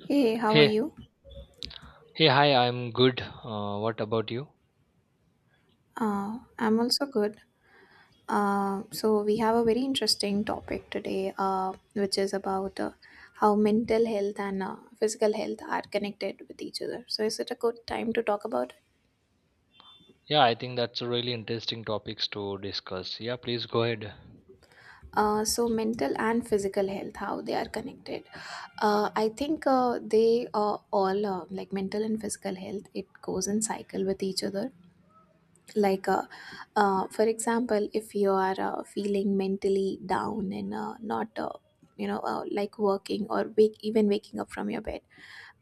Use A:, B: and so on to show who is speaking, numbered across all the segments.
A: Hey, how are
B: Hey,
A: you?
B: hey, hi, I'm good. What about you?
A: I'm also good. So we have a very interesting topic today, which is about how mental health and physical health are connected with each other. So is it a good time to talk about it?
B: Yeah, I think that's a really interesting topics to discuss. Yeah, please go ahead.
A: So mental and physical health, how they are connected. I think they are all like mental and physical health. It goes in cycle with each other like for example, if you are feeling mentally down and not like working or wake even waking up from your bed,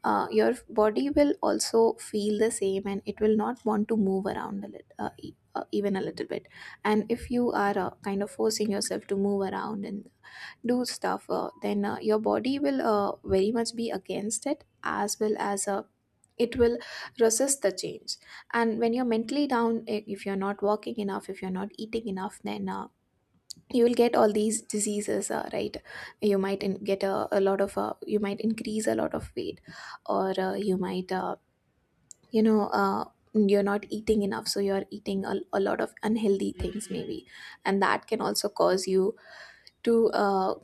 A: your body will also feel the same and it will not want to move around a little even a little bit. And if you are kind of forcing yourself to move around and do stuff, then your body will very much be against it, as well as it will resist the change. And when you're mentally down, if you're not walking enough, if you're not eating enough, then you will get all these diseases, right? You might get a lot of you might increase a lot of weight, or you might you know uh, you're not eating enough, so you're eating a lot of unhealthy things maybe, and that can also cause you to uh,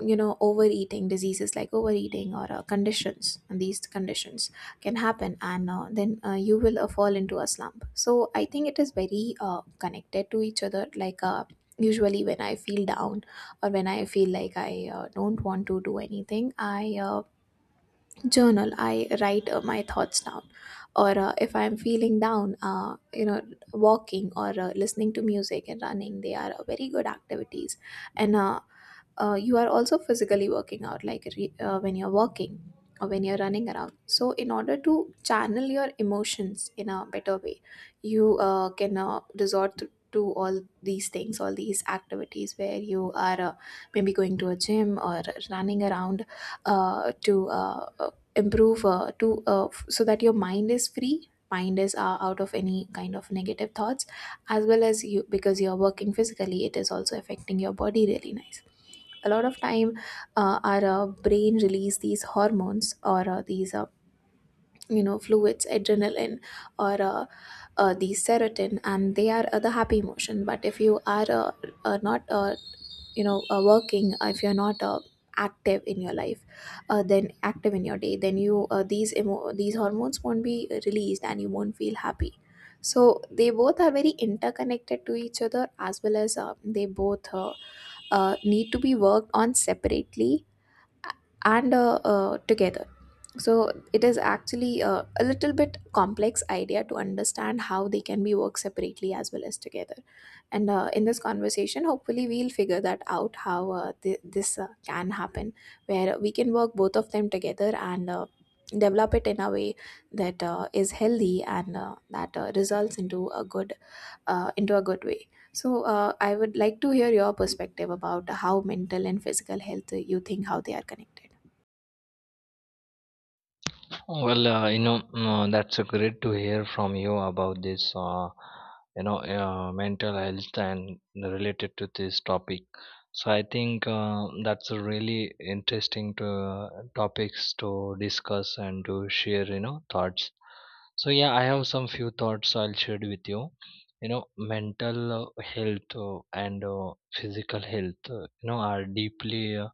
A: you know overeating diseases like overeating, or conditions. And these conditions can happen, and then you will fall into a slump. So I think it is very connected to each other. Like usually when I feel down, or when I feel like I don't want to do anything, I journal, I write my thoughts down. Or if I'm feeling down, walking, or listening to music and running, they are very good activities. And you are also physically working out, like when you're walking or when you're running around. So in order to channel your emotions in a better way, you can resort to all these things, all these activities where you are maybe going to a gym or running around to improve to so that your mind is free, mind is out of any kind of negative thoughts, as well as you, because you're working physically, it is also affecting your body really nice. A lot of time our brain release these hormones, or these fluids, adrenaline, or these serotonin, and they are the happy emotion. But if you are not working, if you're not active in your life, then active in your day, then you these these hormones won't be released and you won't feel happy. So they both are very interconnected to each other, as well as they both need to be worked on separately and together. So it is actually a little bit complex idea to understand how they can be worked separately as well as together. And in this conversation, hopefully we'll figure that out, how this can happen, where we can work both of them together and develop it in a way that is healthy and that results into a good way. So I would like to hear your perspective about how mental and physical health, you think, how they are connected.
B: Well, you know, mm, that's great to hear from you about this, mental health and related to this topic. So I think that's a really topics to discuss and to share, you know, thoughts. So yeah, I have some few thoughts I'll share with you. You know, mental health and physical health, you know, are deeply uh,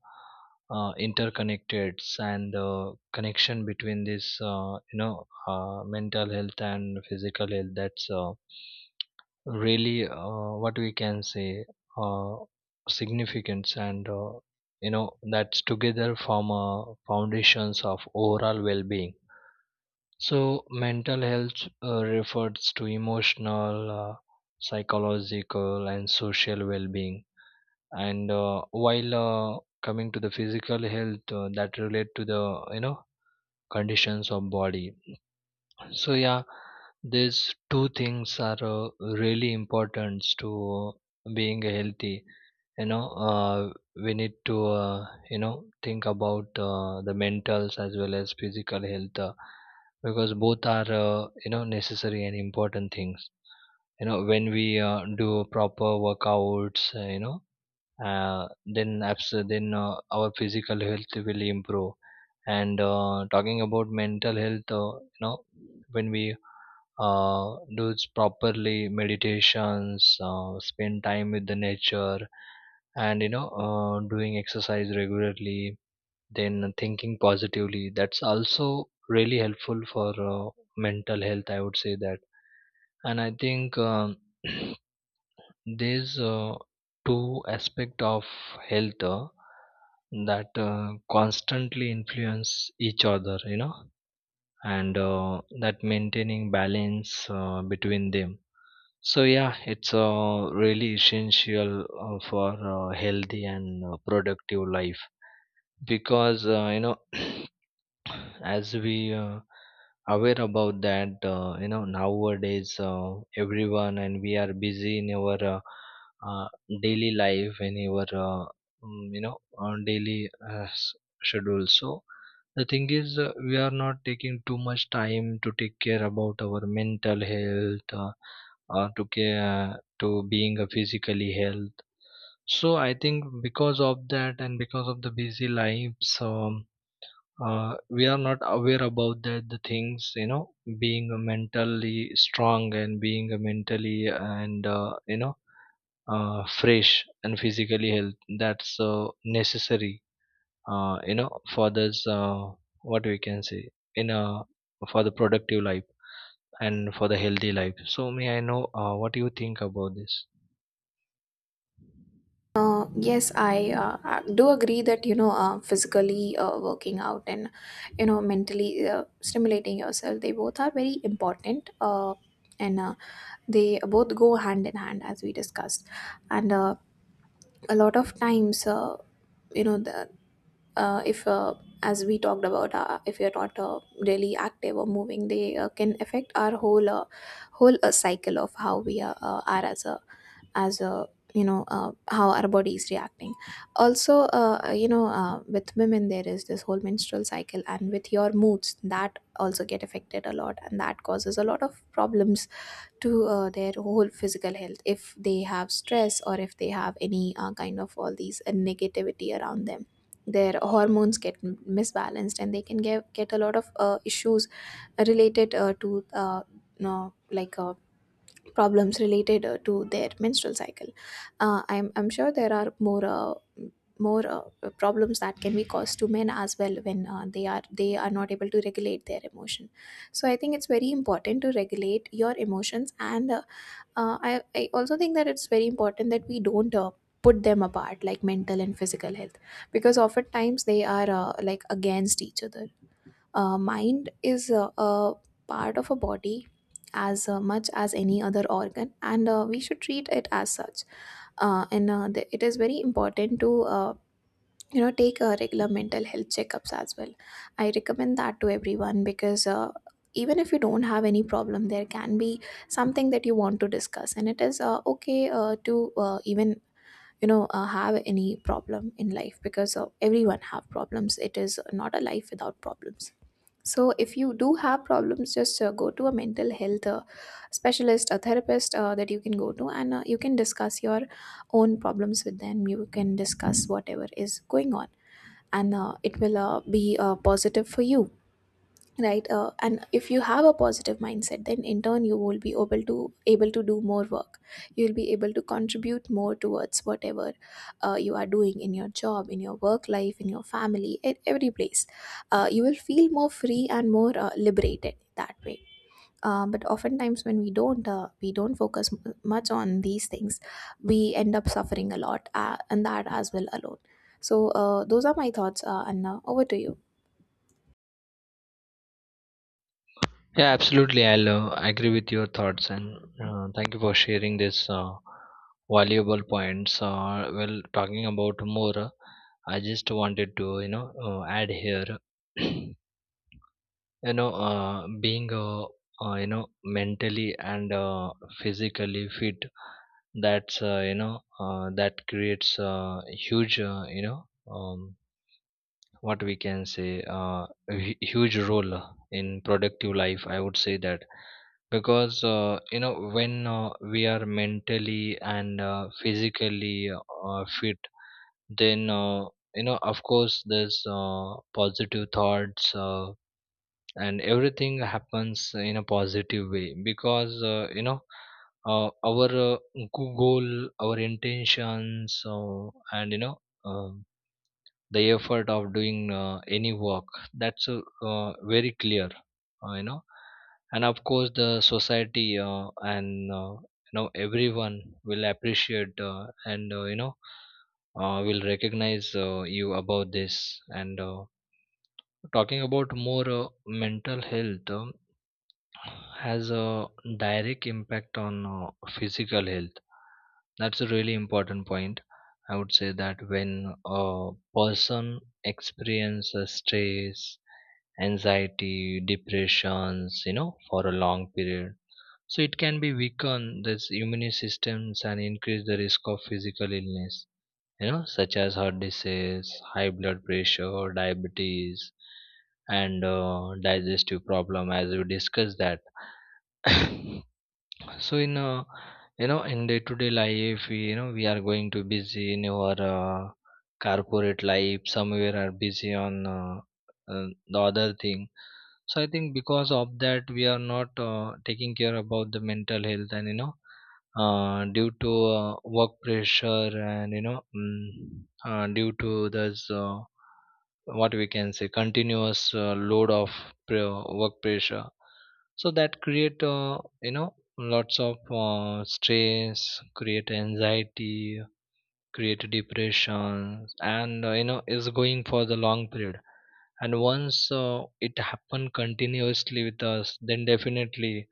B: uh, interconnected and the connection between this, you know, mental health and physical health that's really what we can say uh, significance and you know that's together form a foundations of overall well-being. So mental health refers to emotional, psychological and social well-being, and while coming to the physical health that relate to the you know conditions of body. So yeah, these two things are really important to being healthy. You know, we need to you know think about the mentals as well as physical health, because both are you know necessary and important things. You know when we do proper workouts, you know, then our physical health will improve. And talking about mental health, you know when we properly meditations, spend time with the nature and you know doing exercise regularly, then thinking positively, that's also really helpful for mental health, I would say that. And I think there's two aspect of health that constantly influence each other, you know, and that maintaining balance between them. So yeah, it's really essential for healthy and productive life, because you know as we aware about that, you know nowadays everyone, and we are busy in our uh, daily life in our mm, you know on daily schedule. So the thing is, we are not taking too much time to take care about our mental health, or to care to being a physically health. So I think because of that, and because of the busy lives, we are not aware about that the things you know being mentally strong and being mentally and you know fresh and physically health, that's necessary, you know, for this, what we can say, in a, for the productive life and for the healthy life. So may I know what do you think about this?
A: Yes, I do agree that, you know, physically working out and you know mentally stimulating yourself, they both are very important, and they both go hand in hand, as we discussed. And a lot of times, you know, the, if as we talked about, if you're not really active or moving, they can affect our whole whole cycle of how we are as a as a you know how our body is reacting. Also with women, there is this whole menstrual cycle, and with your moods that also get affected a lot, and that causes a lot of problems to their whole physical health. If they have stress, or if they have any kind of all these negativity around them, their hormones get misbalanced, and they can get a lot of issues related to no, like problems related to their menstrual cycle. I'm sure there are more more problems that can be caused to men as well, when they are not able to regulate their emotion. So I think it's very important to regulate your emotions, and I also think that it's very important that we don't. Put them apart, like mental and physical health, because oftentimes they are like against each other. Mind is a part of a body as much as any other organ, and we should treat it as such. It is very important to take regular mental health checkups as well. I recommend that to everyone, because even if you don't have any problem, there can be something that you want to discuss, and it is okay to even have any problem in life, because everyone have problems. It is not a life without problems. So if you do have problems, just go to a mental health specialist, a therapist that you can go to, and you can discuss your own problems with them, you can discuss whatever is going on, and it will be positive for you, right? And if you have a positive mindset, then in turn you will be able to do more work, you will be able to contribute more towards whatever you are doing, in your job, in your work life, in your family, at every place. You will feel more free and more liberated that way. But oftentimes when we don't, we don't focus much on these things, we end up suffering a lot, and that as well alone. So those are my thoughts, and over to you.
B: Yeah, absolutely. I'll agree with your thoughts and thank you for sharing this valuable points. Well, talking about more, I just wanted to you know add here, you know, being you know mentally and physically fit. That's you know that creates huge you know um, what we can say, a huge role in productive life, I would say that. Because you know when we are mentally and physically fit, then you know of course there's positive thoughts, and everything happens in a positive way, because you know our goal, our intentions, and you know um the effort of doing any work, that's very clear, you know. And of course the society, and you know everyone will appreciate, and you know will recognize you about this, and talking about more mental health, has a direct impact on physical health. That's a really important point, I would say that. When a person experiences stress, anxiety, depressions, you know, for a long period, so it can be weaken this immune systems and increase the risk of physical illness, you know, such as heart disease, high blood pressure, diabetes, and digestive problem, as we discussed that. So in you know in day to day life we you know we are going to busy in our corporate life, somewhere are busy on the other thing. So I think because of that, we are not taking care about the mental health. And you know due to work pressure, and you know mm, due to this, what we can say, continuous load of work pressure, so that create you know lots of stress, create anxiety, create depression, and you know is going for the long period. And once it happen continuously with us, then definitely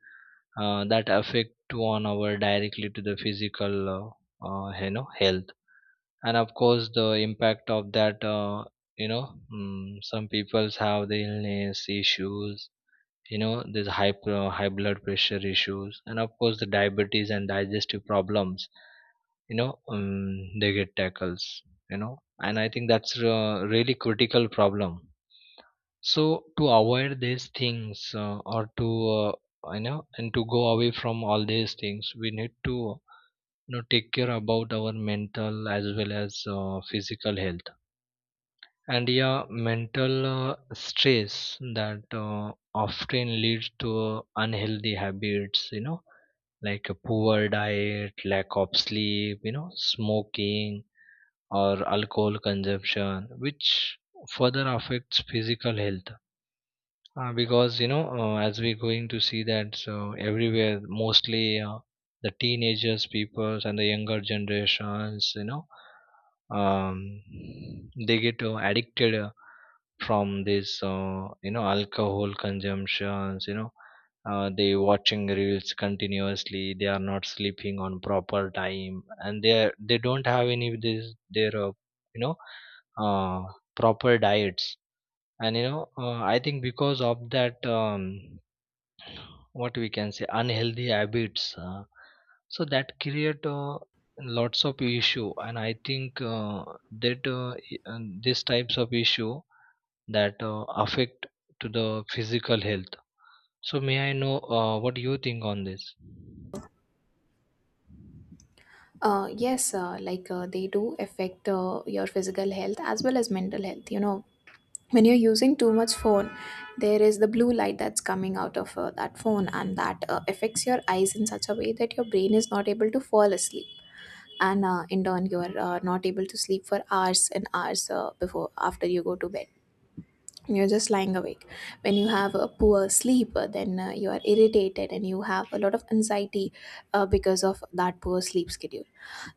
B: that affect on our directly to the physical you know health. And of course the impact of that, you know mm, some peoples have the illness issues, you know there's high blood pressure issues, and of course the diabetes and digestive problems, you know they get tackles, you know. And I think that's a really critical problem. So to avoid these things or to uh, you know, and to go away from all these things, we need to you know take care about our mental as well as physical health. And yeah, mental stress that often leads to unhealthy habits, you know, like a poor diet, lack of sleep, you know, smoking or alcohol consumption, which further affects physical health, because you know, as we're going to see that, so everywhere, mostly the teenagers, peoples, and the younger generations, you know, um, they get addicted from this, you know, alcohol consumptions. You know, they watching reels continuously. They are not sleeping on proper time, and they don't have any of this their, you know, uh, proper diets. And you know I think because of that, what we can say, unhealthy habits, so that create lots of issue. And I think that and these types of issue that affect to the physical health. So may I know what you think on this?
A: Yes, like they do affect your physical health as well as mental health. You know, when you're using too much phone, there is the blue light that's coming out of that phone, and that affects your eyes in such a way that your brain is not able to fall asleep, and in turn, you're not able to sleep for hours and hours before after you go to bed. You're just lying awake. When you have a poor sleep, then you are irritated and you have a lot of anxiety because of that poor sleep schedule.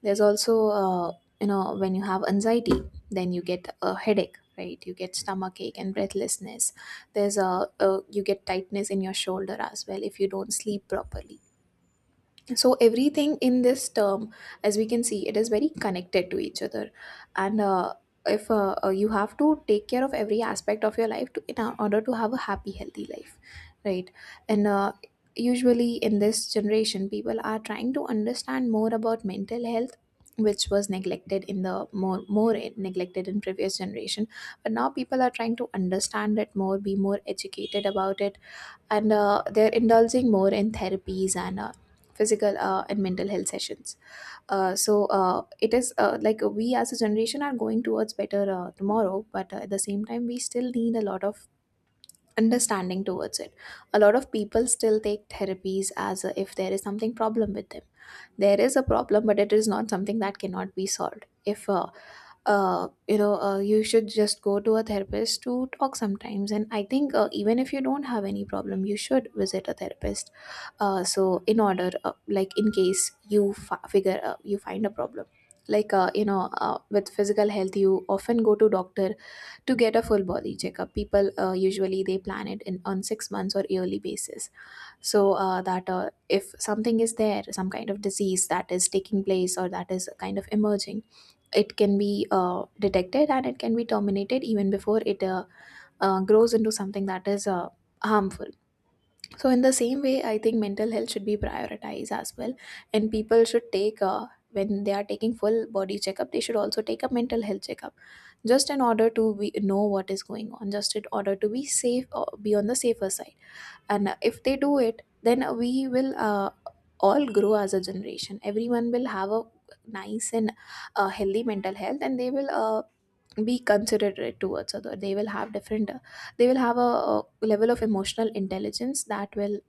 A: There's also when you have anxiety, then you get a headache, right? You get stomach ache and breathlessness. There's a, you get tightness in your shoulder as well if you don't sleep properly. So everything in this term, as we can see, it is very connected to each other. And if you have to take care of every aspect of your life in order to have a happy healthy life, right? And usually in this generation, people are trying to understand more about mental health, which was neglected in the more neglected in previous generation, but now people are trying to understand it more, be more educated about it. And they're indulging more in therapies and physical and mental health sessions. So it is like we, as a generation, are going towards better tomorrow, but at the same time, we still need a lot of understanding towards it. A lot of people still take therapies as if there is something problem with them. There is a problem, but it is not something that cannot be solved. If you know You should just go to a therapist to talk sometimes. And I think, even if you don't have any problem, you should visit a therapist. So in order, like in case you fi- figure you find a problem, like, with physical health you often go to doctor to get a full body checkup. People, usually they plan it in on 6 months or yearly basis. So that if something is there, some kind of disease that is taking place or that is kind of emerging, it can be detected, and it can be terminated even before it grows into something that is harmful. So in the same way, I think mental health should be prioritized as well. And people should take when they are taking full body checkup, they should also take a mental health checkup, just in order to know what is going on, just in order to be safe or be on the safer side. And if they do it, then we will all grow as a generation. Everyone will have a nice and healthy mental health, and they will be considerate towards other. They will have different uh, they will have a level of emotional intelligence that will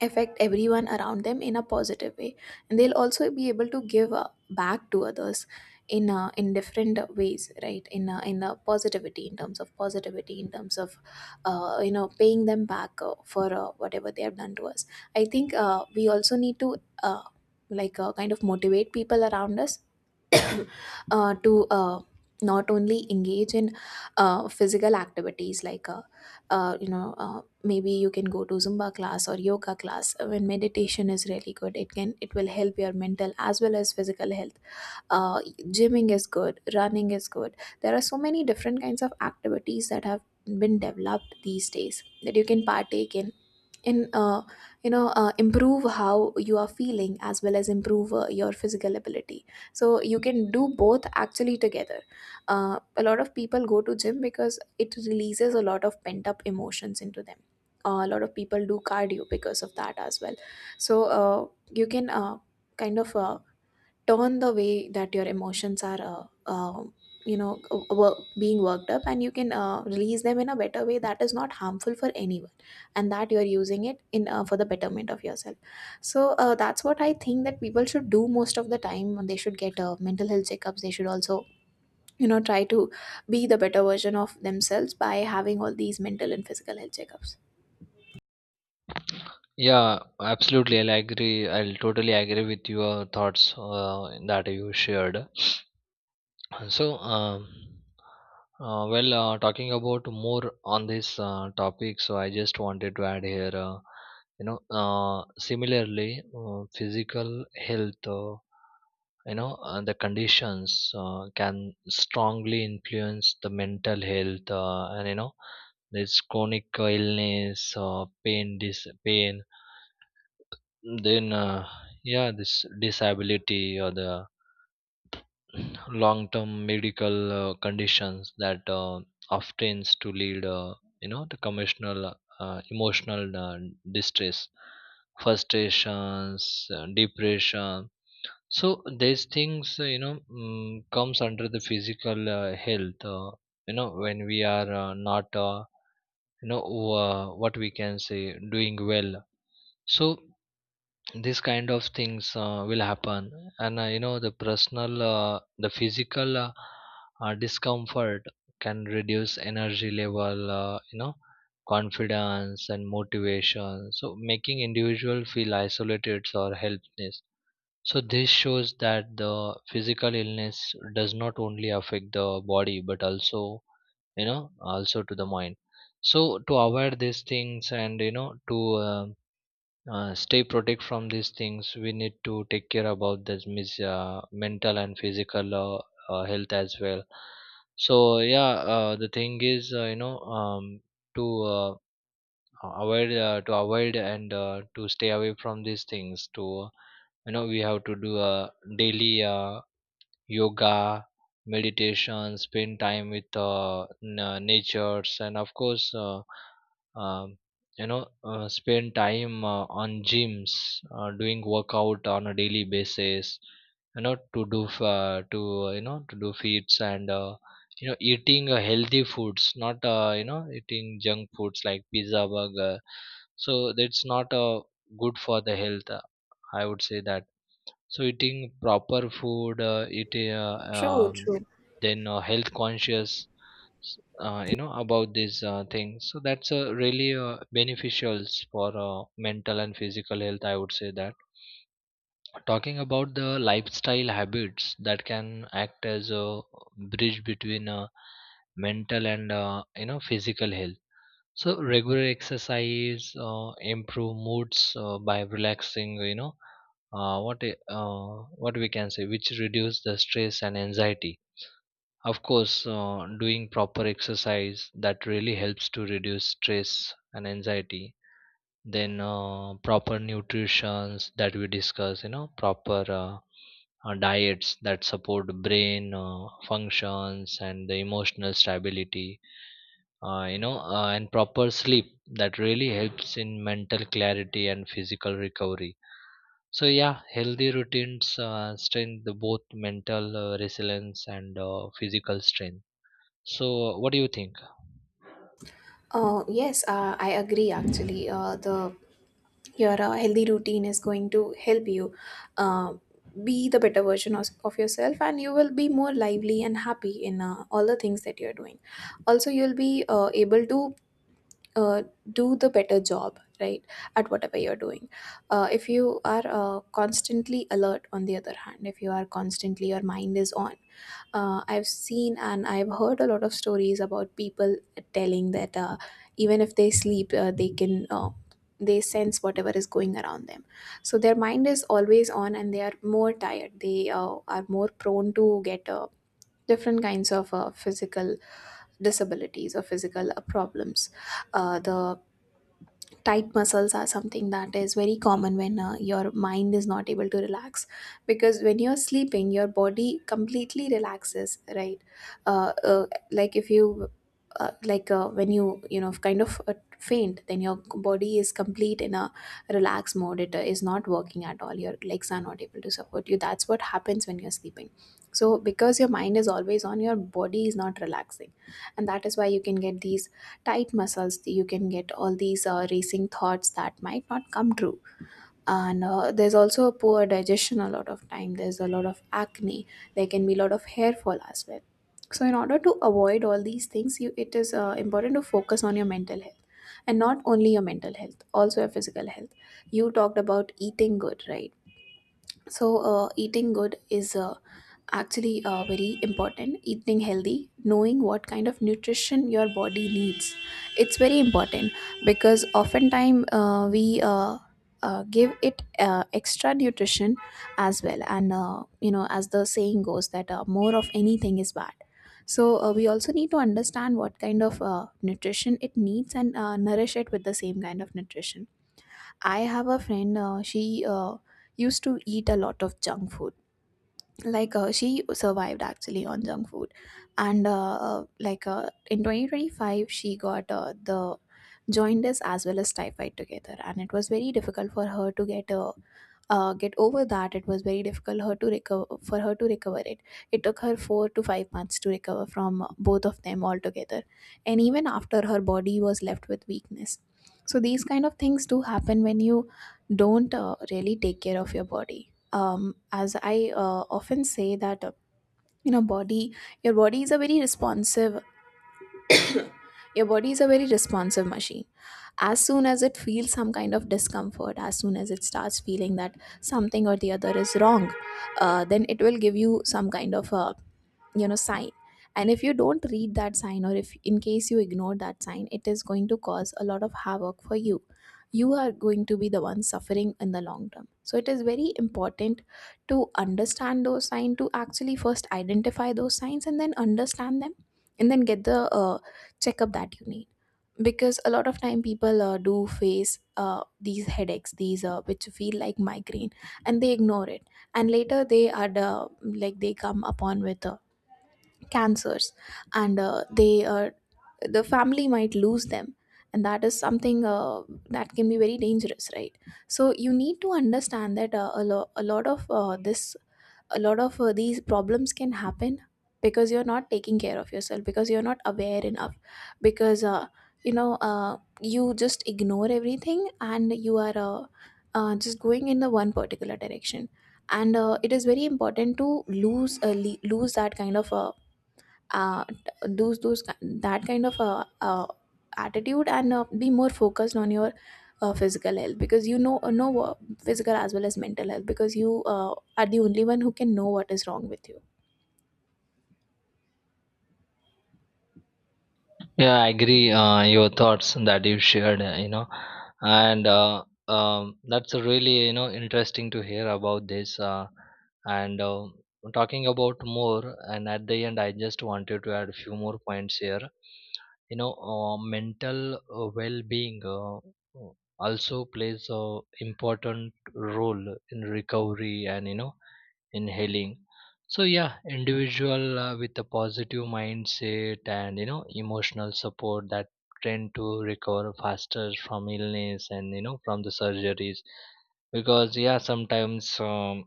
A: affect everyone around them in a positive way. And they'll also be able to give back to others in different ways, right, in positivity in terms of paying them back for whatever they have done to us. I think, we also need to, uh, like, kind of motivate people around us. To, not only engage in physical activities, like, maybe you can go to zumba class or yoga class. When meditation is really good, it will help your mental as well as physical health. uh, Gymming is good, running is good. There are so many different kinds of activities that have been developed these days that you can partake in, in uh, improve how you are feeling as well as improve your physical ability. So you can do both actually together. A lot of people go to gym because it releases a lot of pent up emotions into them. A lot of people do cardio because of that as well. So, you can kind of turn the way that your emotions are uh, being worked up, and you can release them in a better way that is not harmful for anyone, and that you're using it in for the betterment of yourself. So, that's what I think, that people should do. Most of the time they should get mental health checkups. They should also, try to be the better version of themselves by having all these mental and physical health checkups.
B: Yeah, absolutely. I'll totally agree with your thoughts that you shared. And so, um, well, talking about more on this topic. So I just wanted to add here, you know, similarly, physical health, you know, the conditions can strongly influence the mental health, and you know, this chronic illness, pain, dis pain, then yeah, this disability or the long term medical conditions that often to lead you know the commercial emotional distress, frustrations, depression. So these things you know mm, comes under the physical health, you know when we are not you know what we can say doing well, so these kind of things will happen. And you know the personal the physical discomfort can reduce energy level, you know, confidence and motivation, so making individual feel isolated or helpless. So this shows that the physical illness does not only affect the body, but also you know also to the mind. So to avoid these things, and you know to stay protect from these things, we need to take care about this mental and physical health as well. So yeah, the thing is you know to avoid to avoid and to stay away from these things to you know, we have to do a daily yoga, meditation, spend time with natures, and of course um, you know spend time on gyms doing workout on a daily basis, you know to do f- to you know to do feeds, and you know eating healthy foods, not you know eating junk foods like pizza, burger. So that's not good for the health, I would say that. So eating proper food, it
A: True, true.
B: then health conscious, you know about these things. So that's really beneficial for mental and physical health. I would say that. Talking about the lifestyle habits that can act as a bridge between mental and you know physical health. So regular exercise improve moods by relaxing, you know, uh, what i- uh, what we can say, which reduce the stress and anxiety. Of course doing proper exercise, that really helps to reduce stress and anxiety. Then proper nutritions that we discuss, you know, proper diets that support brain functions and the emotional stability, you know, and proper sleep that really helps in mental clarity and physical recovery. So yeah, healthy routines strengthen the both mental resilience and physical strength. So what do you think?
A: Yes, I agree actually. The Your healthy routine is going to help you uh, be the better version of yourself, and you will be more lively and happy in all the things that you're doing. Also, you'll be able to uh, do the better job, right, at whatever you're doing. If you are constantly alert. On the other hand, if you are constantly, your mind is on. I've seen and I've heard a lot of stories about people telling that, even if they sleep, they sense whatever is going around them. So their mind is always on, and they are more tired. They are more prone to get different kinds of physical disabilities or physical problems. The tight muscles are something that is very common when your mind is not able to relax, because when you're sleeping your body completely relaxes, right. Uh, uh, like if you uh, like uh, when you know kind of faint, then your body is complete in a relaxed mode. It is not working at all, your legs are not able to support you. That's what happens when you're sleeping. So because your mind is always on, your body is not relaxing, and that is why you can get these tight muscles, you can get all these racing thoughts that might not come true. And there's also a poor digestion, a lot of time there's a lot of acne, there can be a lot of hair fall as well. So in order to avoid all these things, you it is important to focus on your mental health, and not only your mental health, also your physical health. You talked about eating good, right? So, eating good is, actually, very important. Eating healthy, knowing what kind of nutrition your body needs, it's very important, because oftentimes, we, give it extra nutrition as well. And as the saying goes, that more of anything is bad. So, we also need to understand what kind of nutrition it needs, and nourish it with the same kind of nutrition. I have a friend. She used to eat a lot of junk food. Like, she survived actually on junk food. And in 2025 she got the jaundice as well as typhoid together, and it was very difficult for her to get over that. It was very difficult her to recover for her to recover it. It took her 4 to 5 months to recover from, both of them altogether, and even after, her body was left with weakness. So these kind of things do happen when you don't really take care of your body. As I often say, that body your body is a very responsive your body is a very responsive machine. As soon as it feels some kind of discomfort, as soon as it starts feeling that something or the other is wrong, then it will give you some kind of a, sign. And if you don't read that sign, or if in case you ignore that sign, it is going to cause a lot of havoc for you. You are going to be the one suffering in the long term. So it is very important to understand those signs, to actually first identify those signs and then understand them, and then get the checkup that you need, because a lot of time people do face these headaches, these which feel like migraine, and they ignore it. And later they are like, they come upon with a cancers, and the family might lose them. And that is something that can be very dangerous, right. So you need to understand that, a lot of this a lot of these problems can happen, because you're not taking care of yourself, because you're not aware enough, because you just ignore everything, and you are just going in the one particular direction. And it is very important to lose uh, those those ki- that kind of attitude, and be more focused on your physical health, because physical as well as mental health, because you are the only one who can know what is wrong with you.
B: Yeah, I agree. Your thoughts that you shared, you know, and that's a really you know interesting to hear about this. And talking about more, and at the end, I just wanted to add a few more points here. You know, mental well-being also plays a important role in recovery, and you know inhaling. So yeah, individual with a positive mindset and you know emotional support, that tend to recover faster from illness, and you know from the surgeries, because yeah sometimes um,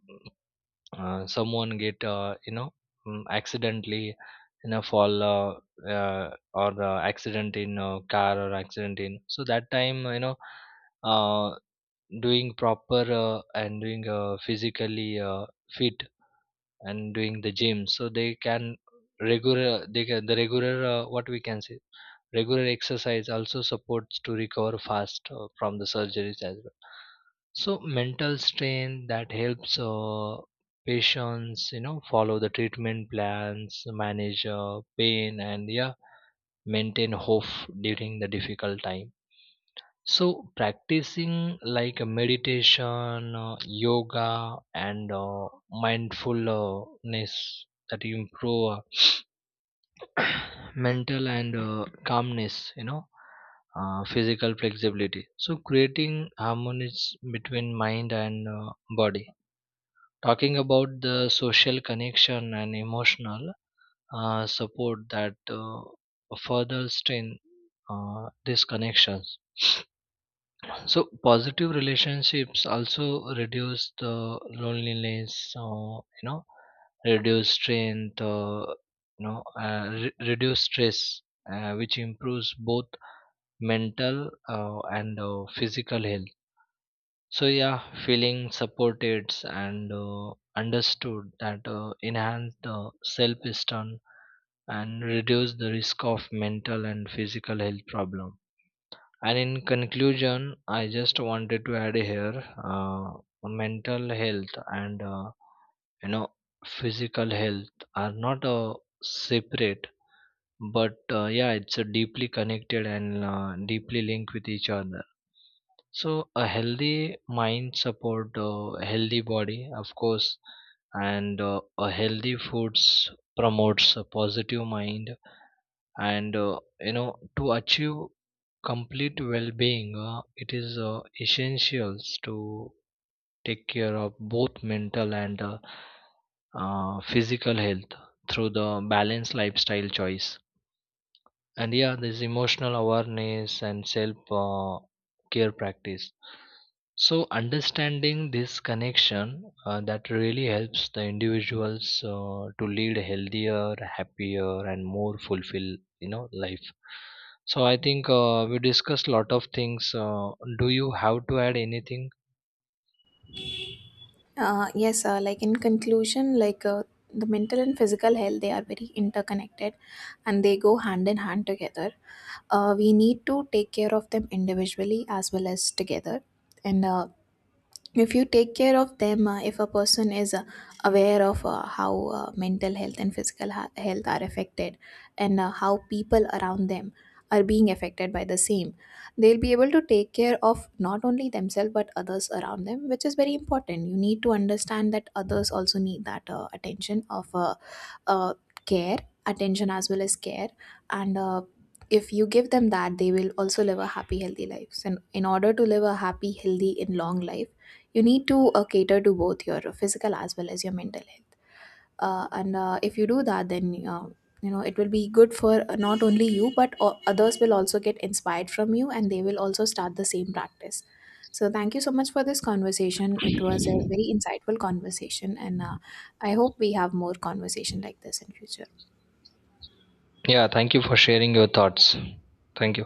B: uh, someone get you know mm, accidentally in a fall or accident in a car, or accident in. So that time you know uh, doing proper and doing physically fit, and doing the gym, so they can regular what we can say, regular exercise also supports to recover fast from the surgeries as well. So mental strain that helps patients you know follow the treatment plans, manage pain, and yeah maintain hope during the difficult time. So, practicing like a meditation, yoga, and mindfulness, that improve uh, mental and calmness, you know, physical flexibility. So, creating harmony between mind and body. Talking about the social connection and emotional support that further strengthen these connections. So positive relationships also reduce the loneliness, you know, reduce strain, you know, reduce stress, which improves both mental and physical health. So yeah, feeling supported and understood, that enhance the self-esteem and reduce the risk of mental and physical health problem. And in conclusion, I just wanted to add here, mental health and you know physical health are not separate, but yeah, it's deeply connected and deeply linked with each other. So a healthy mind support a healthy body, of course, and a healthy foods promotes a positive mind, and you know to achieve complete well-being, it is essential to take care of both mental and physical health through the balanced lifestyle choice, and yeah this emotional awareness and self care practice. So understanding this connection that really helps the individuals to lead a healthier, happier and more fulfilled you know life. So I think we discussed a lot of things, do you have to add anything?
A: Yes, like, in conclusion, like, the mental and physical health, they are very interconnected and they go hand in hand together. We need to take care of them individually as well as together. And if you take care of them if a person is aware of how mental health and physical health are affected, and how people around them are being affected by the same, they'll be able to take care of not only themselves but others around them, which is very important. You need to understand that others also need that attention of, uh, care, attention as well as care. And if you give them that, they will also live a happy healthy lives, and in order to live a happy healthy and long life, you need to cater to both your physical as well as your mental health. And if you do that, then it will be good for not only you but others will also get inspired from you, and they will also start the same practice. So thank you so much for this conversation, it was a very insightful conversation, and I hope we have more conversation like this in future.
B: Yeah, thank you for sharing your thoughts. Thank you.